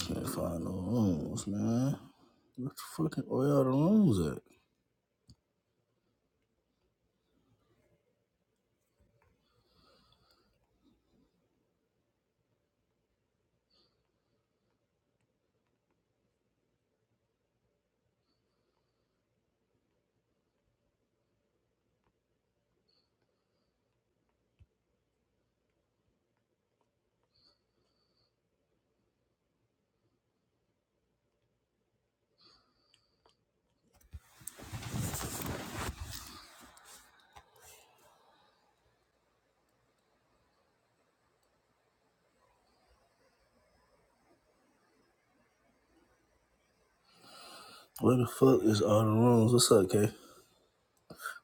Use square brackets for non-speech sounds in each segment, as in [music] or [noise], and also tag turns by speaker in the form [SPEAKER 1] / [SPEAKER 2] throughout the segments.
[SPEAKER 1] Can't find no rooms, man. What the fucking Where all the rooms at? Where the fuck is all the rooms? What's up, K?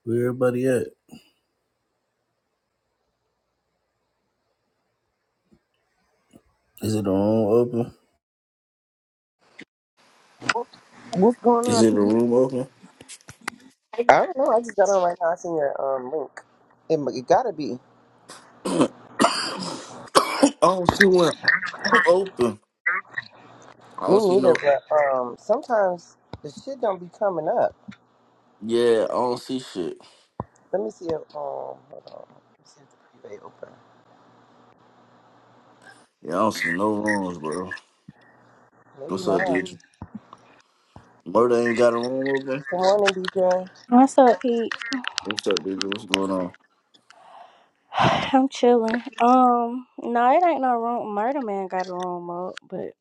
[SPEAKER 1] Where everybody at? Is it the room open?
[SPEAKER 2] What's going
[SPEAKER 1] Is
[SPEAKER 2] on,
[SPEAKER 1] it the
[SPEAKER 2] Pete?
[SPEAKER 1] room open?
[SPEAKER 2] I don't know. I just got on right now. I seen your um link. It, mu- it gotta be
[SPEAKER 1] I don't see one open. I
[SPEAKER 2] me
[SPEAKER 1] don't see
[SPEAKER 2] neither.
[SPEAKER 1] no.
[SPEAKER 2] But um, sometimes the shit don't be coming up.
[SPEAKER 1] Yeah, I don't see shit.
[SPEAKER 2] Let me see if um, hold on. Let me see if the preview open.
[SPEAKER 1] Yeah, I don't see no rooms, bro.
[SPEAKER 2] Maybe
[SPEAKER 1] What's
[SPEAKER 2] not.
[SPEAKER 1] up,
[SPEAKER 2] Good
[SPEAKER 1] DJ? Murder ain't got a room open.
[SPEAKER 2] morning, DJ.
[SPEAKER 3] What's up, Pete?
[SPEAKER 1] What's up, DJ? What's going on?
[SPEAKER 3] [sighs] I'm chilling. Um, no, it ain't no room. Murder Man got a room up, but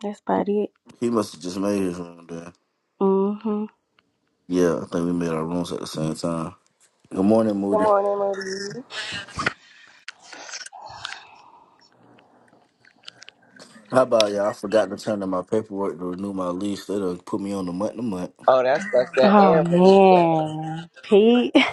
[SPEAKER 3] that's about it.
[SPEAKER 1] He must have just made his room then.
[SPEAKER 3] Mm-hmm.
[SPEAKER 1] Yeah, I think we made our rooms at the same time. Good morning,
[SPEAKER 2] Good
[SPEAKER 1] Moody.
[SPEAKER 2] morning, Marie.
[SPEAKER 1] How about y'all? I forgot to turn in my paperwork to renew my lease. They done put me on the month to month.
[SPEAKER 2] Oh, that's that's that
[SPEAKER 3] Oh
[SPEAKER 2] and raised yeah.
[SPEAKER 3] man, Pete. [laughs]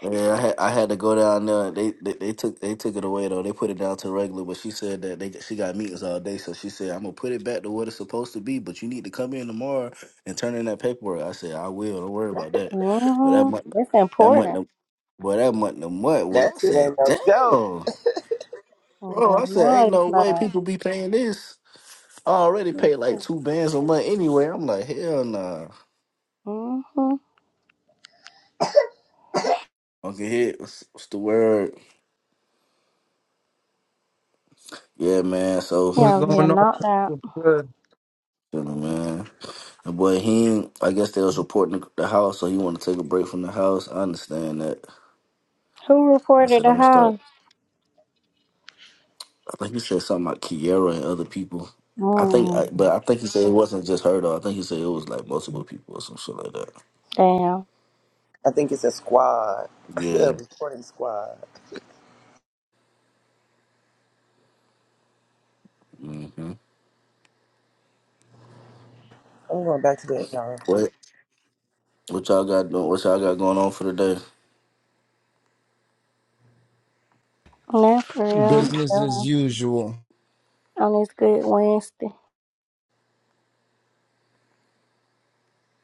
[SPEAKER 1] Yeah, I had I had to go down there. They, they they took they took it away though. They put it down to regular, but she said that they she got meetings all day, so she said I'm gonna put it back to what it's supposed to be. But you need to come in tomorrow and turn in that paperwork. I said I will. Don't worry about that. But that month
[SPEAKER 3] Mm-hmm. It's
[SPEAKER 1] that month
[SPEAKER 3] important.
[SPEAKER 1] to- but that month to month was
[SPEAKER 2] That
[SPEAKER 1] I
[SPEAKER 2] shit
[SPEAKER 1] said
[SPEAKER 2] ain't no
[SPEAKER 1] damn
[SPEAKER 2] joke.
[SPEAKER 1] bro.
[SPEAKER 3] Yeah,
[SPEAKER 1] I said ain't
[SPEAKER 3] no, it's
[SPEAKER 1] no way
[SPEAKER 3] not.
[SPEAKER 1] people be paying this. I already
[SPEAKER 3] Yeah.
[SPEAKER 1] paid like two bands a month anyway. I'm like hell nah.
[SPEAKER 3] Mm-hmm.
[SPEAKER 1] Uncle Hit, what's, what's the word? Yeah, man. So,
[SPEAKER 3] Yeah,
[SPEAKER 4] What's
[SPEAKER 3] over here
[SPEAKER 4] going on?
[SPEAKER 3] knocked out.
[SPEAKER 4] people? Good.
[SPEAKER 1] you know, man, the boy he, I guess they was reporting the the house, so he wanted to take a break from the house. I understand that.
[SPEAKER 3] Who
[SPEAKER 1] I
[SPEAKER 3] reported
[SPEAKER 1] said
[SPEAKER 3] the
[SPEAKER 1] I'm gonna start.
[SPEAKER 3] house?
[SPEAKER 1] I think he said something about Kiera and other people. I think, I,
[SPEAKER 3] Mm,
[SPEAKER 1] but I think he said it wasn't just her though. I think he said it was like multiple people or some shit like that.
[SPEAKER 3] damn.
[SPEAKER 2] I think it's a squad, [laughs] a
[SPEAKER 1] Yeah.
[SPEAKER 2] recording squad.
[SPEAKER 1] hmm
[SPEAKER 2] I'm going back to the AR.
[SPEAKER 1] What? What y'all got doing? What y'all got going on for the day?
[SPEAKER 3] Now for real, I'm
[SPEAKER 4] Business as
[SPEAKER 3] chilling
[SPEAKER 4] usual.
[SPEAKER 3] on this good Wednesday.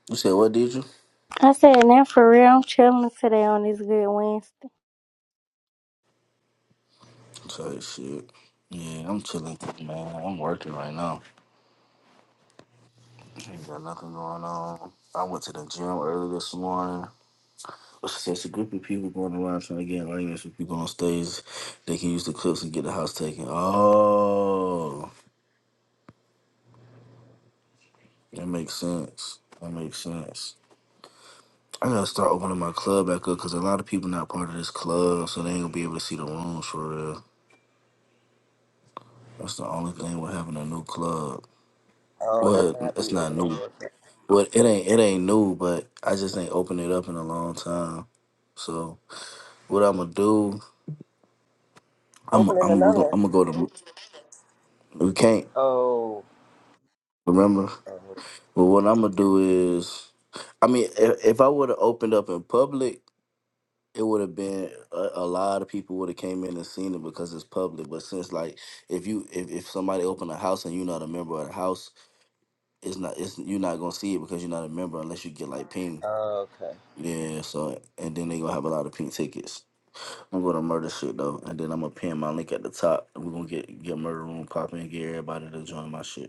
[SPEAKER 1] You said what? Did you?
[SPEAKER 3] I said, now for real, I'm chilling today on this good Wednesday.
[SPEAKER 1] Sorry, shit. Yeah, I'm chilling, man. I'm working right now. Ain't got nothing going on. I went to the gym early this morning. It's just a group of people going around trying to get arguments with people on stage. They can use the clips and get the house taken. Oh, that makes sense. That makes sense. I gotta start opening my club back up because a lot of people not part of this club, so they ain't gonna be able to see the rooms for real. That's the only thing with having a new club.
[SPEAKER 2] Oh, that's
[SPEAKER 1] Well,
[SPEAKER 2] not how
[SPEAKER 1] it's
[SPEAKER 2] you
[SPEAKER 1] not
[SPEAKER 2] opening
[SPEAKER 1] new.
[SPEAKER 2] your shit.
[SPEAKER 1] Well, it ain't it ain't new, but I just ain't opened it up in a long time. So what I'm gonna do? I'm
[SPEAKER 2] Opening
[SPEAKER 1] I'm we are gonna,
[SPEAKER 2] anonymous.
[SPEAKER 1] I'm gonna go to we can't
[SPEAKER 2] Oh.
[SPEAKER 1] remember.
[SPEAKER 2] oh.
[SPEAKER 1] But what I'm gonna do is, I mean, if, if I would have opened up in public, it would have been a, a lot of people would have came in and seen it because it's public. But since like if you if, if somebody open a house and you're not a member of the house, it's not it's you're not gonna see it because you're not a member unless you get like ping.
[SPEAKER 2] Oh, Okay.
[SPEAKER 1] Yeah, so and then they gonna have a lot of pink tickets. I'm gonna murder shit though, and then I'm gonna pin my link at the top, and we're gonna get get murder room popping, and get everybody to join my shit.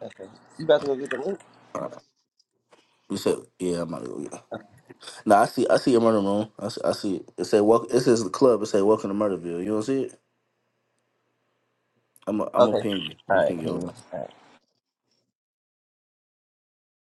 [SPEAKER 2] Okay. You about to go get the link?
[SPEAKER 1] You said, "Yeah, I'm about to go." Yeah. No, I see. I see your murder room. I see. I see it. It say, "Welcome." It says the club. It say, "Welcome to Murderville." You don't see it? I'm. i am i gonna
[SPEAKER 2] Okay.
[SPEAKER 1] ping you. I'm
[SPEAKER 2] All
[SPEAKER 1] gonna
[SPEAKER 2] right.
[SPEAKER 1] ping you
[SPEAKER 2] Ping me.
[SPEAKER 1] over.
[SPEAKER 2] All right.